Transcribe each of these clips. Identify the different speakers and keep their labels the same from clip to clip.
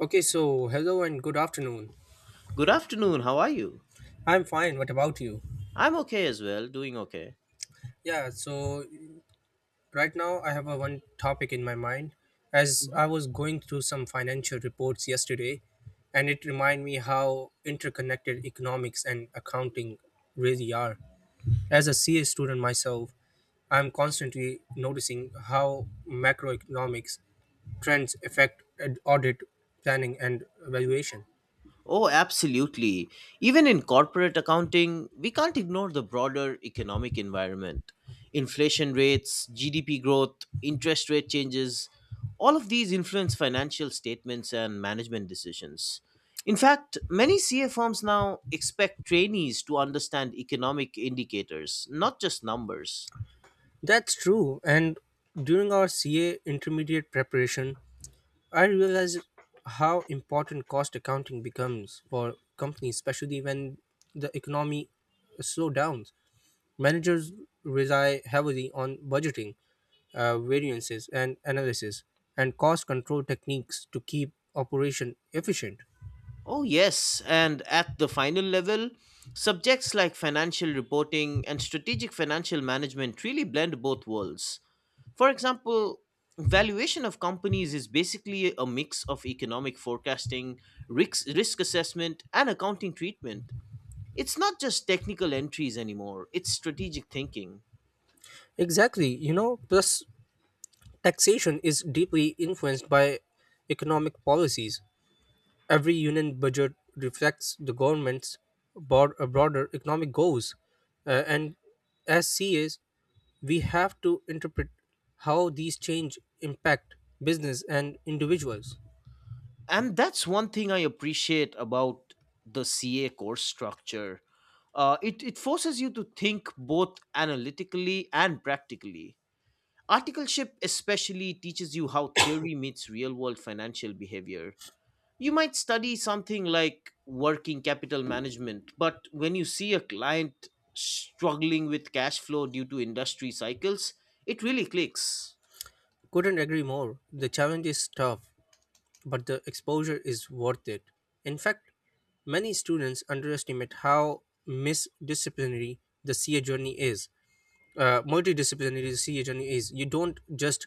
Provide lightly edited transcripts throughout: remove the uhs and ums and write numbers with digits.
Speaker 1: Okay, so hello and good afternoon.
Speaker 2: Good afternoon. How are you?
Speaker 1: I'm fine. What about you?
Speaker 2: I'm okay as well, doing okay.
Speaker 1: Yeah, so right now I have a one topic in my mind as
Speaker 2: Mhm.
Speaker 1: I was going through some financial reports yesterday and it reminded me how interconnected economics and accounting really are. As a CA student myself, I'm constantly noticing how macroeconomics trends affect audit planning and valuation.
Speaker 2: Oh, absolutely. Even in corporate accounting, we can't ignore the broader economic environment. Inflation rates, GDP growth, interest rate changes, all of these influence financial statements and management decisions. In fact, many CA firms now expect trainees to understand economic indicators, not just numbers.
Speaker 1: That's true. And during our CA intermediate preparation, I realize how important cost accounting becomes for companies, especially when the economy slows down. Managers rely heavily on budgeting, variances, and analysis, and cost control techniques to keep operation efficient.
Speaker 2: Oh, yes. And at the final level, subjects like financial reporting and strategic financial management really blend both worlds. For example, valuation of companies is basically a mix of economic forecasting, risk assessment, and accounting treatment. It's not just technical entries anymore, it's strategic thinking.
Speaker 1: Exactly, you know, plus taxation is deeply influenced by economic policies. Every union budget reflects the government's broader economic goals, and as CAs, we have to interpret how these change impact business and individuals.
Speaker 2: And that's one thing I appreciate about the CA course structure. It forces you to think both analytically and practically. Articleship especially teaches you how theory meets real world financial behavior. You might study something like working capital management, but when you see a client struggling with cash flow due to industry cycles, it really clicks.
Speaker 1: Couldn't agree more. The challenge is tough, but the exposure is worth it. In fact, many students underestimate how misdisciplinary the CA journey is. Multidisciplinary CHN is you don't just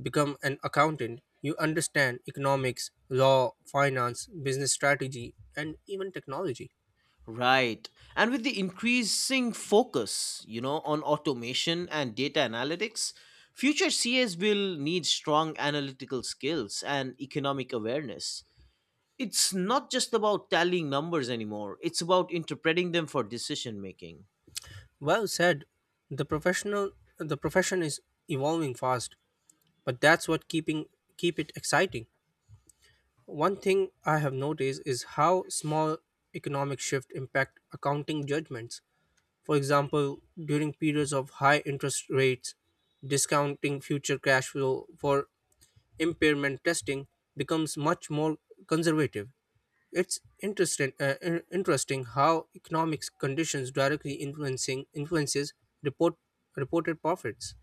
Speaker 1: become an accountant, you understand economics, law, finance, business strategy, and even technology.
Speaker 2: Right. And with the increasing focus, you know, on automation and data analytics, future CS will need strong analytical skills and economic awareness. It's not just about tallying numbers anymore, it's about interpreting them for decision making.
Speaker 1: Well said. The professional the profession is evolving fast, but that's what keep it exciting. One thing I have noticed is how small economic shift impact accounting judgments. For example, during periods of high interest rates, discounting future cash flow for impairment testing becomes much more conservative. It's interesting how economic conditions directly influencing influences report reported profits.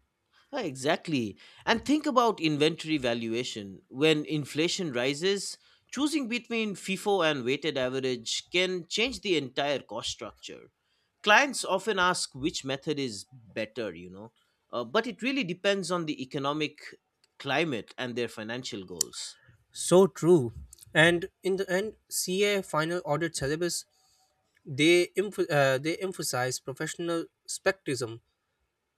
Speaker 2: Ah, exactly. And think about inventory valuation. When inflation rises, choosing between FIFO and weighted average can change the entire cost structure. Clients often ask which method is better, you know, but it really depends on the economic climate and their financial goals.
Speaker 1: So true. And in the end, CA final audit syllabus they emphasize professional spectrism.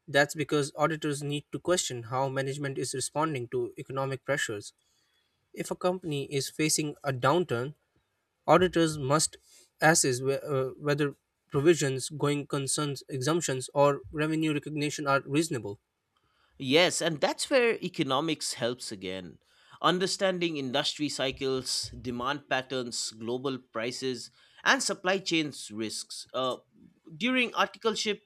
Speaker 1: That's because auditors need to question how management is responding to economic pressures. If a company is facing a downturn, auditors must assess whether provisions, going concerns exemptions, or revenue recognition are reasonable.
Speaker 2: Yes, and that's where economics helps again. Understanding industry cycles, demand patterns, global prices, and supply chains risks. During articleship,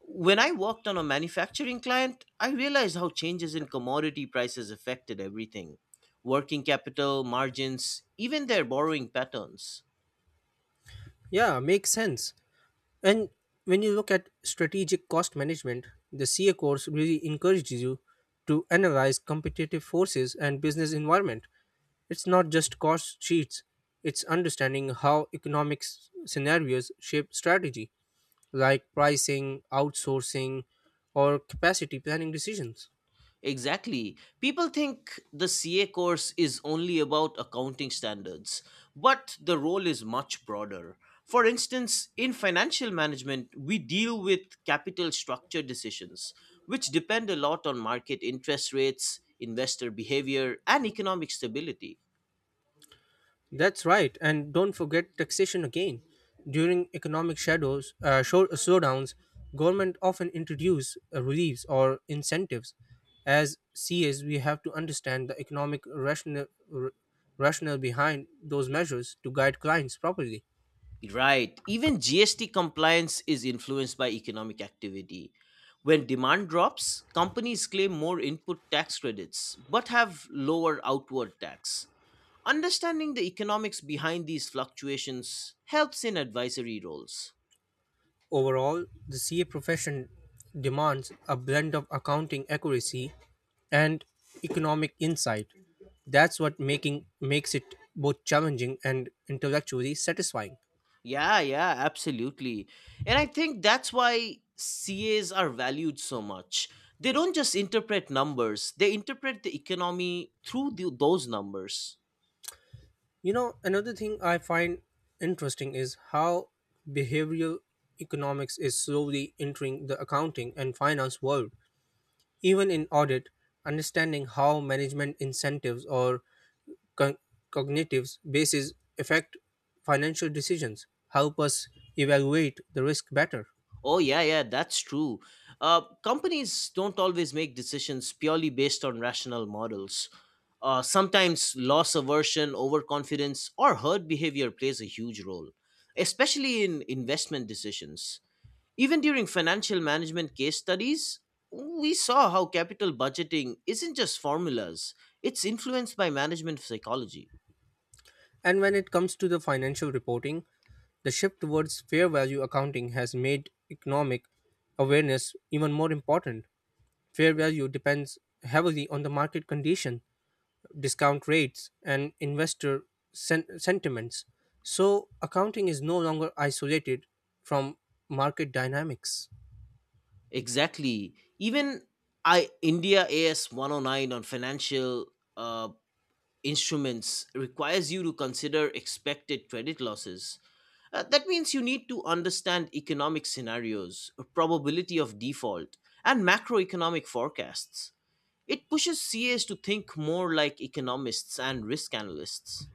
Speaker 2: when I worked on a manufacturing client, I realized how changes in commodity prices affected everything: working capital, margins, even their borrowing patterns.
Speaker 1: Yeah, makes sense. And when you look at strategic cost management, the CA course really encourages you to analyze competitive forces and business environment. It's not just cost sheets, it's understanding how economic scenarios shape strategy, like pricing, outsourcing, or capacity planning decisions.
Speaker 2: Exactly. People think the CA course is only about accounting standards, but the role is much broader. For instance, in financial management, we deal with capital structure decisions, which depend a lot on market interest rates, investor behavior, and economic stability.
Speaker 1: That's right, and don't forget taxation again. During economic slowdowns, government often introduce reliefs or incentives. As CAs, we have to understand the economic r- rationale behind those measures to guide clients properly.
Speaker 2: Right. Even GST compliance is influenced by economic activity. When demand drops, companies claim more input tax credits but have lower outward tax. Understanding the economics behind these fluctuations helps in advisory roles.
Speaker 1: Overall, the CA profession demands a blend of accounting accuracy and economic insight. That's what making makes it both challenging and intellectually satisfying.
Speaker 2: Yeah, yeah, absolutely. And I think that's why CAs are valued so much. They don't just interpret numbers, they interpret the economy through those numbers.
Speaker 1: You know, another thing I find interesting is how behavioral economics is slowly entering the accounting and finance world. Even in audit, understanding how management incentives or con- cognitive bases affect financial decisions help us evaluate the risk better.
Speaker 2: Oh, yeah, yeah, that's true. Companies don't always make decisions purely based on rational models. Sometimes loss aversion, overconfidence, or herd behavior plays a huge role, especially in investment decisions. Even during financial management case studies, we saw how capital budgeting isn't just formulas, it's influenced by management psychology.
Speaker 1: And when it comes to the financial reporting, the shift towards fair value accounting has made economic awareness even more important. Fair value depends heavily on the market condition, discount rates, and investor sentiments. So, accounting is no longer isolated from market dynamics.
Speaker 2: Exactly. Even I India AS 109 on financial uh, instruments requires you to consider expected credit losses. That means you need to understand economic scenarios, probability of default, and macroeconomic forecasts. It pushes CAs to think more like economists and risk analysts.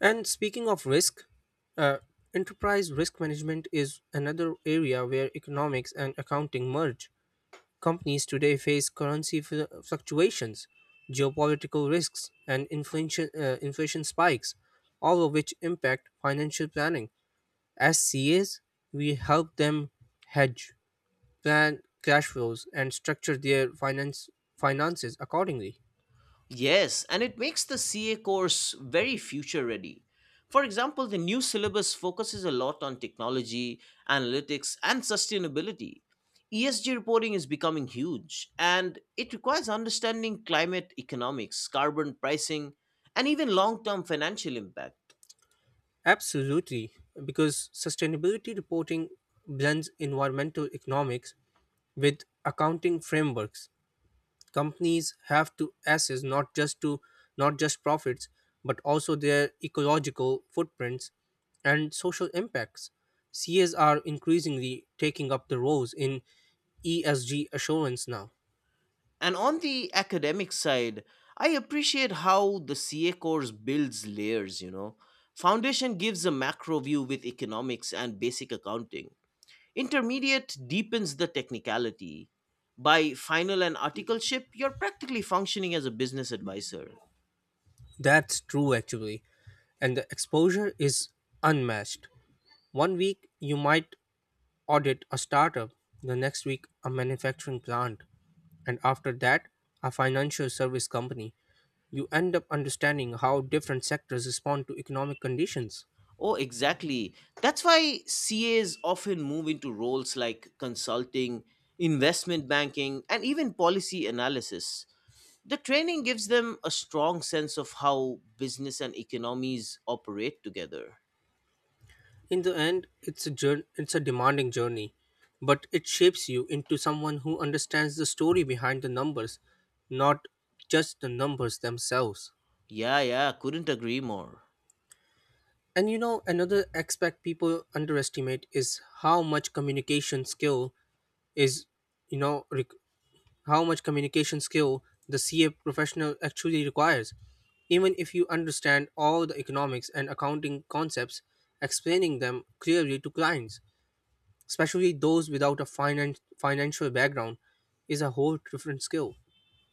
Speaker 1: And speaking of risk, uh, enterprise risk management is another area where economics and accounting merge. Companies today face currency fluctuations, geopolitical risks, and inflation spikes, all of which impact financial planning. As CAs, we help them hedge, plan cash flows, and structure their finances accordingly.
Speaker 2: Yes, and it makes the CA course very future ready. For example, the new syllabus focuses a lot on technology, analytics, and sustainability. ESG reporting is becoming huge, and it requires understanding climate economics, carbon pricing, and even long term financial impact.
Speaker 1: Absolutely, because sustainability reporting blends environmental economics with accounting frameworks. Companies have to assess not just profits, but also their ecological footprints and social impacts. CAs are increasingly taking up the roles in ESG assurance now.
Speaker 2: And on the academic side, I appreciate how the CA course builds layers, you know. Foundation gives a macro view with economics and basic accounting. Intermediate deepens the technicality. By final and articleship, you're practically functioning as a business advisor.
Speaker 1: That's true, actually. And the exposure is unmatched. One week, you might audit a startup, the next week, a manufacturing plant, and after that, a financial service company. You end up understanding how different sectors respond to economic conditions.
Speaker 2: Oh, exactly. That's why CAs often move into roles like consulting, investment banking, and even policy analysis. The training gives them a strong sense of how business and economies operate together.
Speaker 1: In the end, it's a demanding journey, but it shapes you into someone who understands the story behind the numbers, not just the numbers themselves.
Speaker 2: Yeah, yeah, couldn't agree more.
Speaker 1: And you know, another aspect people underestimate is is, you know, rec- how much communication skill the CA professional actually requires. Even if you understand all the economics and accounting concepts, explaining them clearly to clients, especially those without a financial background, is a whole different skill.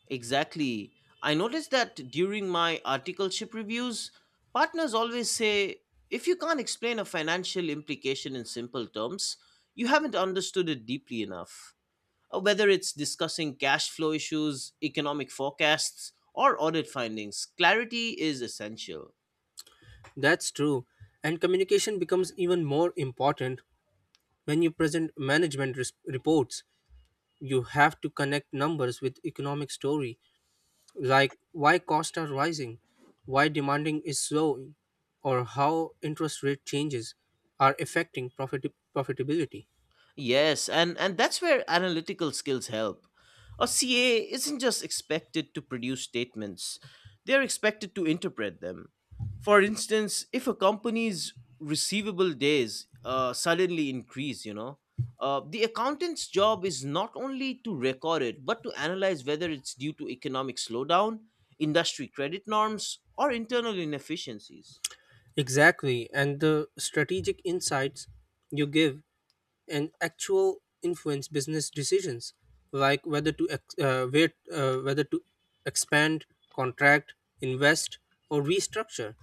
Speaker 2: Exactly. I noticed that during my articleship reviews, partners always say if you can't explain a financial implication in simple terms, you haven't understood it deeply enough. Whether it's discussing cash flow issues, economic forecasts, or audit findings, clarity is essential.
Speaker 1: That's true. And communication becomes even more important when you present management reports. You have to connect numbers with economic story, like why costs are rising, why demanding is slowing, or how interest rate changes are affecting profitability.
Speaker 2: Yes, and that's where analytical skills help. A CA isn't just expected to produce statements. They're expected to interpret them. For instance, if a company's receivable days suddenly increase, you know, the accountant's job is not only to record it, but to analyze whether it's due to economic slowdown, industry credit norms, or internal inefficiencies.
Speaker 1: Exactly, and the strategic insights you give and actual influence business decisions, like whether to expand, contract, invest, or restructure.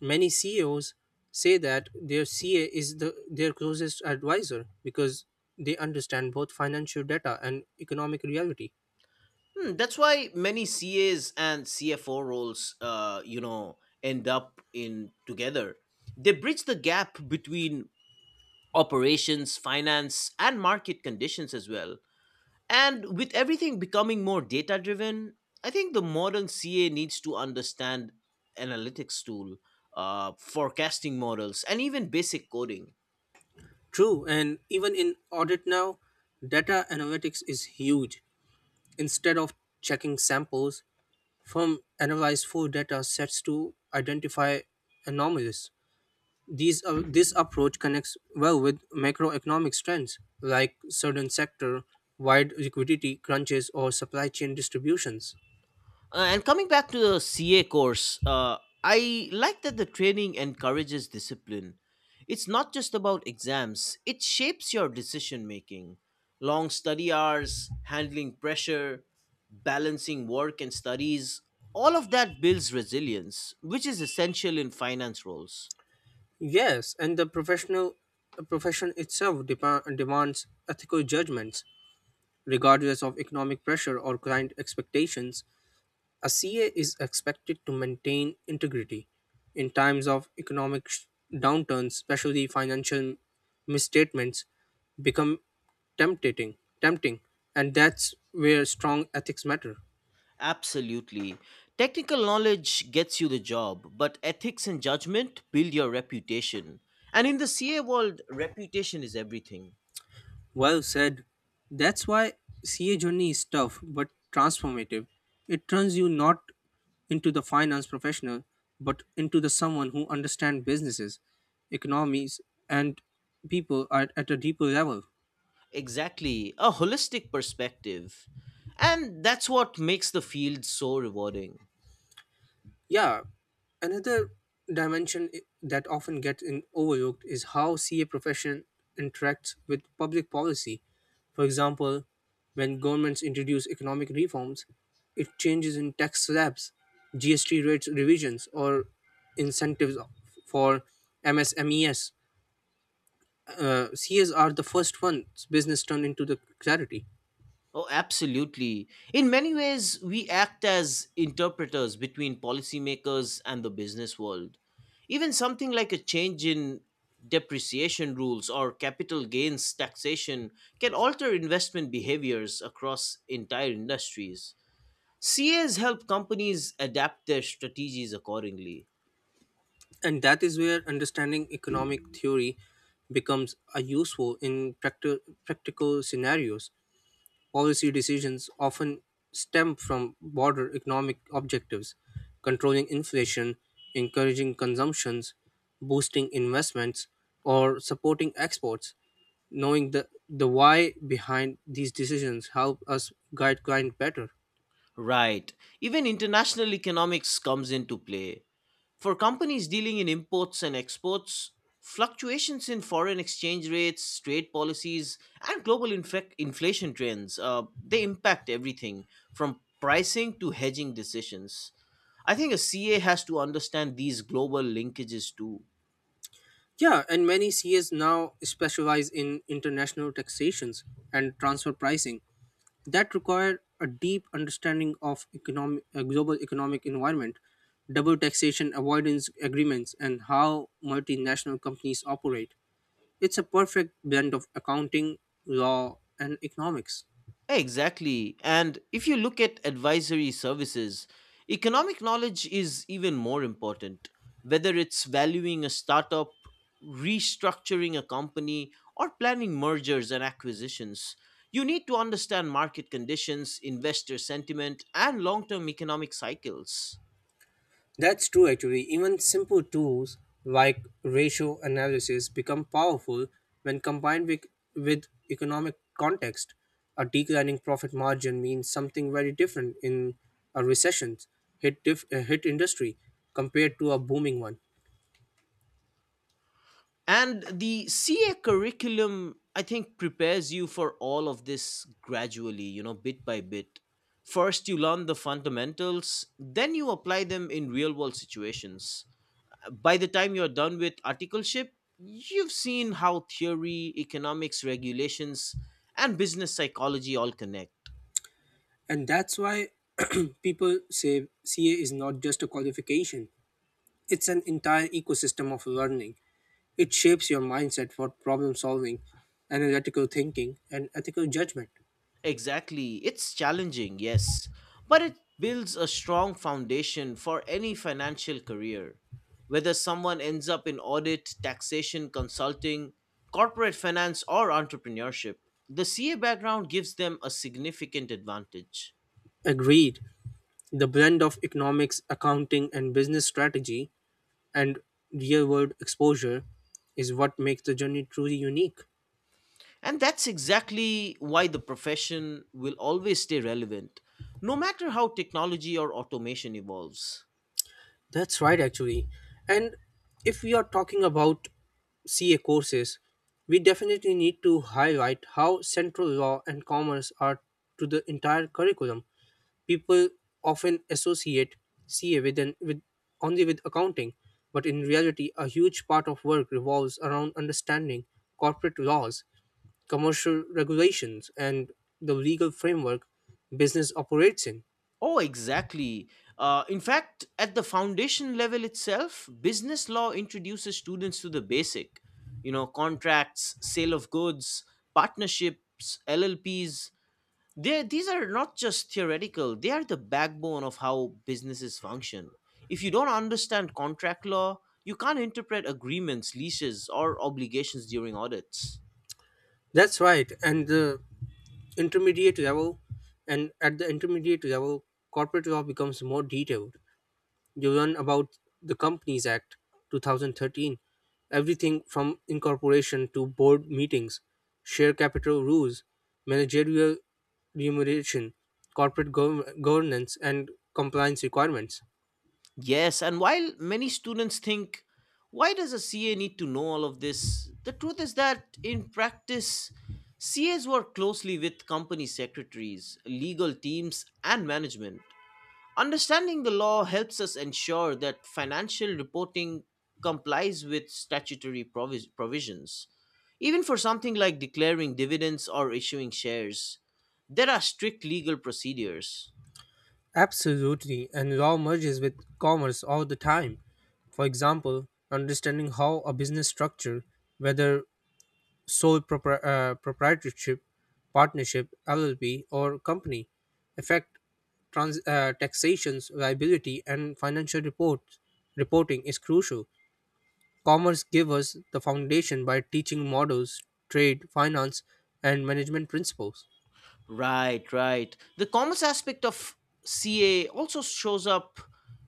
Speaker 1: Many CEOs say that their CA is their closest advisor because they understand both financial data and economic reality.
Speaker 2: Hmm, that's why many CAs and CFO roles, you know, end up in together. They bridge the gap between operations, finance, and market conditions as well. And with everything becoming more data driven, I think the modern CA needs to understand analytics tool, forecasting models, and even basic coding.
Speaker 1: True, and even in audit now, data analytics is huge. Instead of checking samples, firms analyze full data sets to identify anomalies. This approach connects well with macroeconomic trends like certain sector wide liquidity crunches or supply chain distributions.
Speaker 2: And coming back to the CA course, I like that the training encourages discipline. It's not just about exams, it shapes your decision making. Long study hours, handling pressure, balancing work and studies, all of that builds resilience, which is essential in finance roles.
Speaker 1: Yes, and the profession itself demands ethical judgments regardless of economic pressure or client expectations. A CA is expected to maintain integrity in times of economic downturns, especially financial misstatements become tempting, and that's where strong ethics matter.
Speaker 2: Absolutely. Technical knowledge gets you the job, but ethics and judgment build your reputation. And in the CA world, reputation is everything.
Speaker 1: Well said. That's why CA journey is tough but transformative. It turns you not into the finance professional but into the someone who understands businesses, economies, and people at a deeper level.
Speaker 2: Exactly, a holistic perspective. And that's what makes the field so rewarding.
Speaker 1: Yeah, another dimension that often gets in overlooked is how CA profession interacts with public policy. For example, when governments introduce economic reforms, it changes in tax slabs, GST rates revisions, or incentives for MSMEs. CAs are the first ones business turn into the clarity.
Speaker 2: Oh, absolutely. In many ways, we act as interpreters between policymakers and the business world. Even something like a change in depreciation rules or capital gains taxation can alter investment behaviors across entire industries. CAs help companies adapt their strategies accordingly.
Speaker 1: And that is where understanding economic theory becomes a useful in practical scenarios. Policy decisions often stem from broader economic objectives, controlling inflation, encouraging consumptions, boosting investments, or supporting exports. Knowing the why behind these decisions help us guide client better.
Speaker 2: Right. Even international economics comes into play. For companies dealing in imports and exports, fluctuations in foreign exchange rates, trade policies, and global inflation trends, they impact everything from pricing to hedging decisions. I think a CA has to understand these global linkages too.
Speaker 1: Yeah, and many CAs now specialize in international taxations and transfer pricing that require a deep understanding of global economic environment, double taxation avoidance agreements, and how multinational companies operate. It's a perfect blend of accounting, law, and economics.
Speaker 2: Exactly. And if you look at advisory services, economic knowledge is even more important. Whether it's valuing a startup, restructuring a company, or planning mergers and acquisitions, you need to understand market conditions, investor sentiment, and long term economic cycles.
Speaker 1: That's true actually. Even simple tools like ratio analysis become powerful when combined with economic context. A declining profit margin means something very different in a recession hit industry compared to a booming one.
Speaker 2: And the CA curriculum, I think, prepares you for all of this gradually, you know, bit by bit. First, you learn the fundamentals, then you apply them in real world situations. By the time you're done with articleship, you've seen how theory, economics, regulations, and business psychology all connect.
Speaker 1: And that's why people say CA is not just a qualification. It's an entire ecosystem of learning. It shapes your mindset for problem solving, analytical thinking, and ethical judgment.
Speaker 2: Exactly. It's challenging, yes, but it builds a strong foundation for any financial career. Whether someone ends up in audit, taxation, consulting, corporate finance, or entrepreneurship, the CA background gives them a significant advantage.
Speaker 1: Agreed. The blend of economics, accounting, and business strategy and real world exposure is what makes the journey truly unique.
Speaker 2: And that's exactly why the profession will always stay relevant, no matter how technology or automation evolves.
Speaker 1: That's right, actually. And if we are talking about CA courses, we definitely need to highlight how central law and commerce are to the entire curriculum. People often associate CA with, an, with only with accounting, but in reality, a huge part of work revolves around understanding corporate laws, commercial regulations, and the legal framework business operates in.
Speaker 2: Oh, exactly. In fact, at the foundation level itself, business law introduces students to the basic, you know, contracts, sale of goods, partnerships, LLPs. They these are not just theoretical; they are the backbone of how businesses function. If you don't understand contract law, you can't interpret agreements, leases, or obligations during audits.
Speaker 1: That's right. Intermediate level, and at the intermediate level, corporate law becomes more detailed. You learn about the Companies Act 2013, everything from incorporation to board meetings, share capital rules, managerial remuneration, corporate governance, and compliance requirements.
Speaker 2: Yes, and while many students think, why does a CA need to know all of this? The truth is that in practice, CAs work closely with company secretaries, legal teams, and management. Understanding the law helps us ensure that financial reporting complies with statutory provisions. Even for something like declaring dividends or issuing shares, there are strict legal procedures.
Speaker 1: Absolutely, and law merges with commerce all the time. For example, understanding how a business structure, whether sole proprietorship, partnership, LLP, or company, effect taxations, liability, and financial reports. Reporting is crucial. Commerce gives us the foundation by teaching models, trade, finance, and management principles.
Speaker 2: Right, right. The commerce aspect of CA also shows up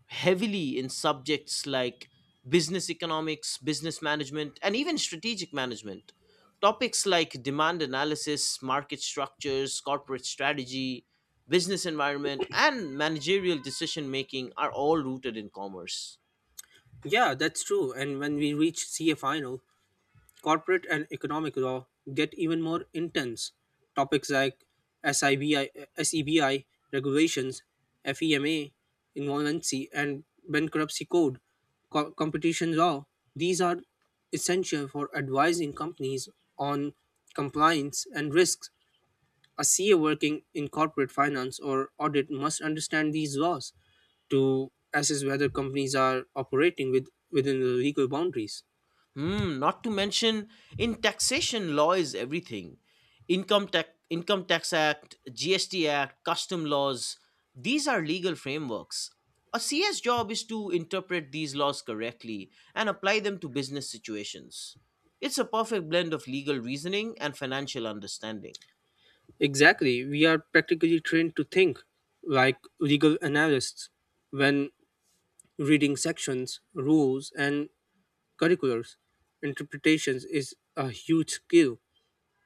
Speaker 2: heavily in subjects like business economics, business management, and even strategic management. Topics like demand analysis, market structures, corporate strategy, business environment, and managerial decision making are all rooted in commerce.
Speaker 1: Yeah, that's true. And when we reach CA final, corporate and economic law get even more intense. Topics like SIBI, SEBI regulations, FEMA insolvency, and bankruptcy code, competition law, these are essential for advising companies on compliance and risks. A CA working in corporate finance or audit must understand these laws to assess whether companies are operating within the legal boundaries.
Speaker 2: Hmm, not to mention in taxation law is everything. Income tax act, GST act, custom laws, these are legal frameworks. A CS job is to interpret these laws correctly and apply them to business situations. It's a perfect blend of legal reasoning and financial understanding.
Speaker 1: Exactly. We are practically trained to think like legal analysts when reading sections, rules, and curriculars. Interpretations is a huge skill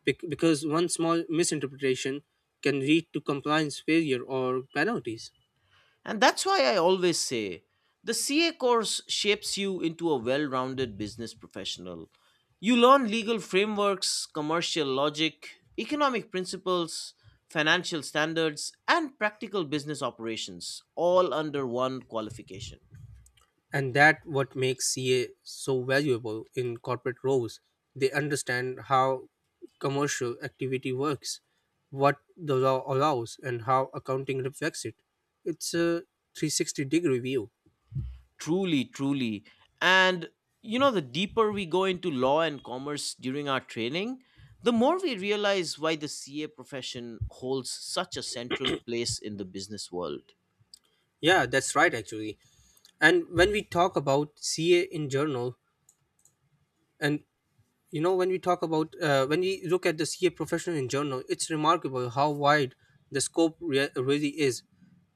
Speaker 1: because one small misinterpretation can lead to compliance failure or penalties.
Speaker 2: And that's why I always say the CA course shapes you into a well rounded business professional. You learn legal frameworks, commercial logic, economic principles, financial standards, and practical business operations, all under one qualification.
Speaker 1: And that what makes CA so valuable in corporate roles. They understand how commercial activity works, what the law allows, and how accounting reflects it. It's a 360 degree view.
Speaker 2: Truly, truly. And you know, the deeper we go into law and commerce during our training, the more we realize why the CA profession holds such a central place in the business world.
Speaker 1: Yeah, that's right, actually. And when we talk about ca in general and you know when we talk about when we look at the CA profession in general, it's remarkable how wide the scope really is.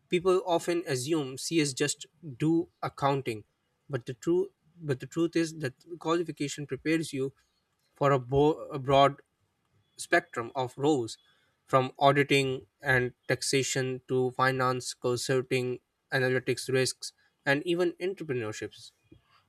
Speaker 1: People often assume CS just do accounting, but the true but the truth is that qualification prepares you for a broad spectrum of roles, from auditing and taxation to finance consulting, analytics, risks, and even entrepreneurships.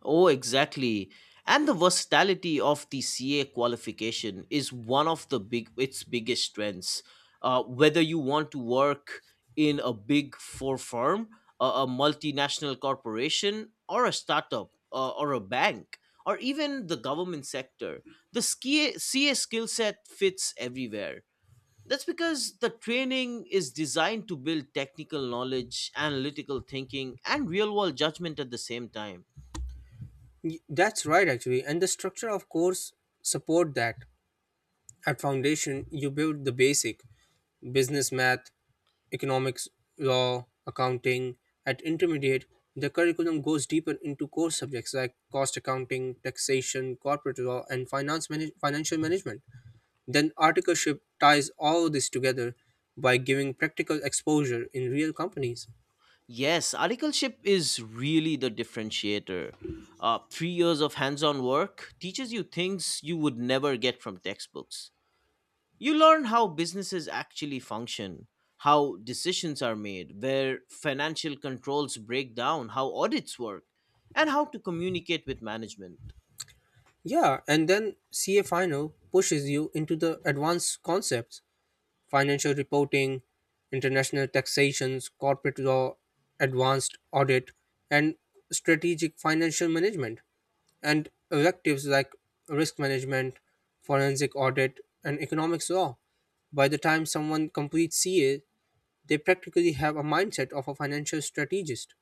Speaker 2: Oh, exactly. And the versatility of the CA qualification is one of the big its biggest strengths. Whether you want to work in a big four firm, a multinational corporation, or a startup, or a bank, or even the government sector, the CA skill set fits everywhere. That's because the training is designed to build technical knowledge, analytical thinking, and real world judgment at the same time.
Speaker 1: That's right, actually. And the structure of course support that. At foundation, you build the basic business math, economics, law, accounting. At intermediate, the curriculum goes deeper into core subjects like cost accounting, taxation, corporate law, and financial management. Then articleship ties all this together by giving practical exposure in real companies.
Speaker 2: Yes, articleship is really the differentiator. Three years of hands on work teaches you things you would never get from textbooks. You learn how businesses actually function, how decisions are made, where financial controls break down, how audits work, and how to communicate with management.
Speaker 1: Yeah, and then CA final pushes you into the advanced concepts: financial reporting, international taxations, corporate law, advanced audit, and strategic financial management, and electives like risk management, forensic audit, and economics law. By the time someone completes CA, they practically have a mindset of a financial strategist.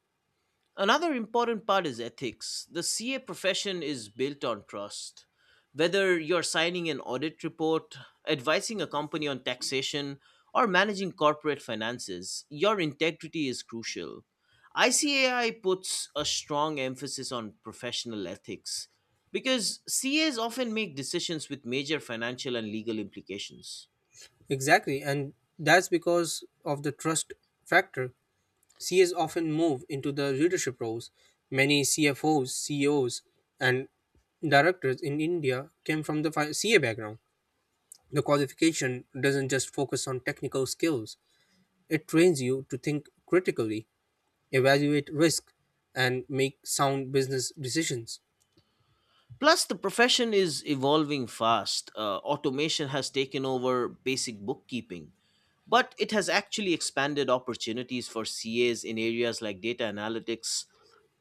Speaker 2: Another important part is ethics. The CA profession is built on trust. Whether you're signing an audit report, advising a company on taxation, or managing corporate finances, your integrity is crucial. ICAI puts a strong emphasis on professional ethics because CAs often make decisions with major financial and legal implications.
Speaker 1: Exactly, and that's because of the trust factor. CAs often move into the leadership roles. Many CFOs, CEOs, and directors in India came from the CA background. The qualification doesn't just focus on technical skills, it trains you to think critically, evaluate risk, and make sound business decisions.
Speaker 2: Plus, the profession is evolving fast. Automation has taken over basic bookkeeping, but it has actually expanded opportunities for CAs in areas like data analytics,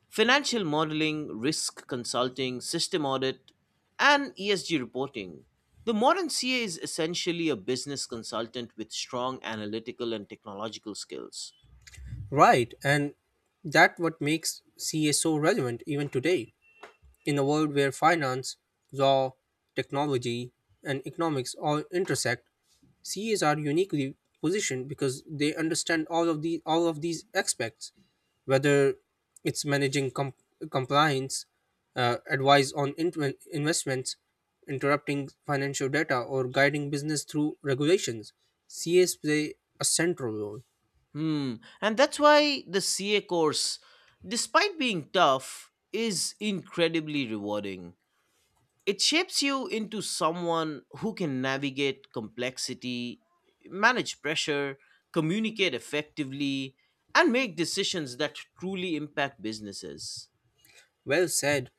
Speaker 2: financial modeling, risk consulting, system audit, and ESG reporting. The modern CA is essentially a business consultant with strong analytical and technological skills.
Speaker 1: Right, and that what makes CA so relevant even today. In a world where finance, law, technology, and economics all intersect, CAs are uniquely positioned because they understand all of these aspects, whether it's managing compliance, advice on investments, interrupting financial data, or guiding business through regulations. CAs play a central role.
Speaker 2: Hmm. And that's why the CA course, despite being tough, is incredibly rewarding. It shapes you into someone who can navigate complexity, manage pressure, communicate effectively, and make decisions that truly impact businesses.
Speaker 1: Well said.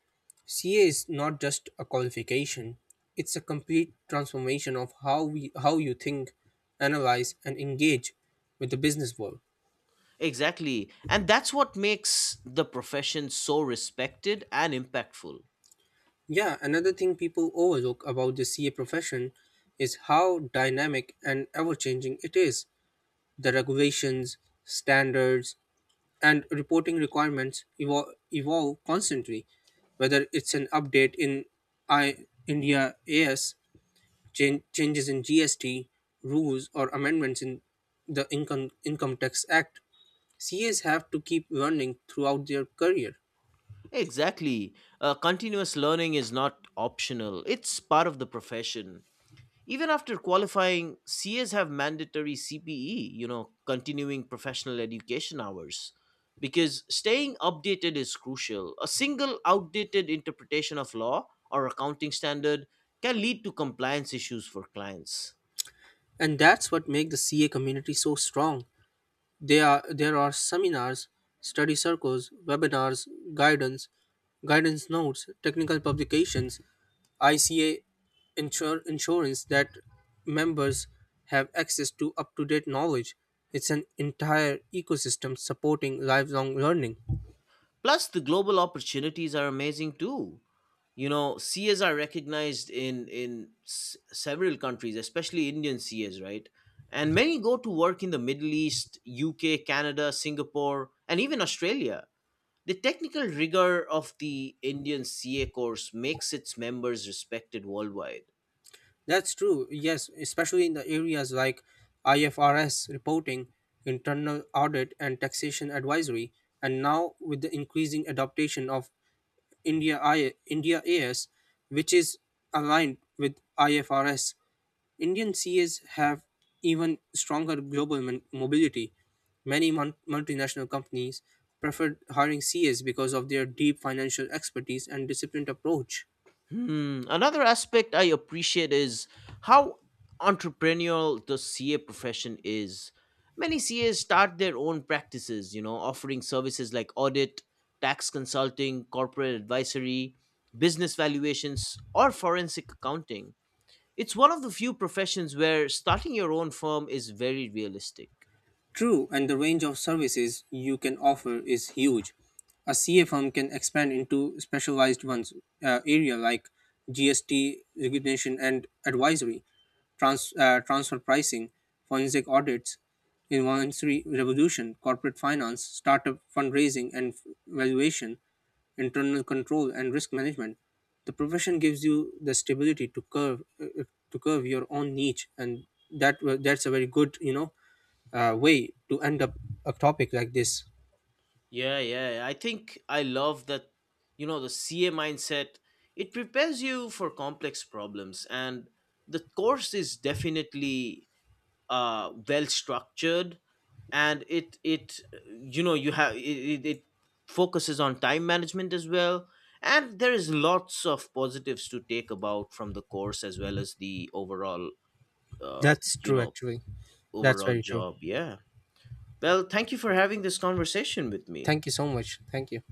Speaker 1: CA is not just a qualification, it's a complete transformation of how you think, analyze and engage with the business world.
Speaker 2: Exactly. And that's what makes the profession so respected and impactful.
Speaker 1: Yeah, another thing people overlook about the CA profession is how dynamic and ever-changing it is. The regulations, standards and reporting requirements evolve constantly. Whether it's an update in I India AS, changes in GST rules or amendments in the Income Tax Act. CAs have to keep learning throughout their career,
Speaker 2: Exactly. Continuous learning is not optional, it's part of the profession. Even after qualifying, CAs have mandatory CPE, you know, continuing professional education hours, because staying updated is crucial. A single outdated interpretation of law or accounting standard can lead to compliance issues for clients.
Speaker 1: and that's what makes the CA community so strong. There are seminars, study circles, webinars, guidance, guidance notes, technical publications, ICA insurance that members have access to up to date knowledge. It's an entire ecosystem supporting lifelong learning.
Speaker 2: Plus, the global opportunities are amazing too. You know, CAs are recognized in several countries, especially Indian CAs, right? And many go to work in the Middle East, UK, Canada, Singapore, and even Australia. The technical rigor of the Indian CA course makes its members respected worldwide.
Speaker 1: That's true, yes, especially in the areas like IFRS reporting, internal audit, and taxation advisory. And now, with the increasing adoption of India AS, which is aligned with IFRS, Indian CAs have even stronger global mobility. Many multinational companies preferred hiring CAs because of their deep financial expertise and disciplined approach.
Speaker 2: Hmm. Another aspect I appreciate is how entrepreneurial the CA profession is. Many CAs start their own practices, you know, offering services like audit, tax consulting, corporate advisory, business valuations, or forensic accounting. It's one of the few professions where starting your own firm is very realistic.
Speaker 1: True, and the range of services you can offer is huge. A CA firm can expand into specialized ones, area like GST recognition and advisory, transfer pricing, forensic audits, involuntary revolution, corporate finance, startup fundraising and valuation, internal control and risk management. The profession gives you the stability to curve your own niche, and that's a very good way to end up a topic like this.
Speaker 2: Yeah, yeah. I think I love that, you know, the CA mindset. It prepares you for complex problems, and the course is definitely well structured, and it you know you have it, it, it focuses on time management as well, and there is lots of positives to take about from the course as well as the overall uh,
Speaker 1: That's
Speaker 2: you
Speaker 1: true,
Speaker 2: know
Speaker 1: actually. That's
Speaker 2: overall
Speaker 1: very true.
Speaker 2: job. Yeah. Well, thank you for having this conversation with me.
Speaker 1: Thank you so much. Thank you.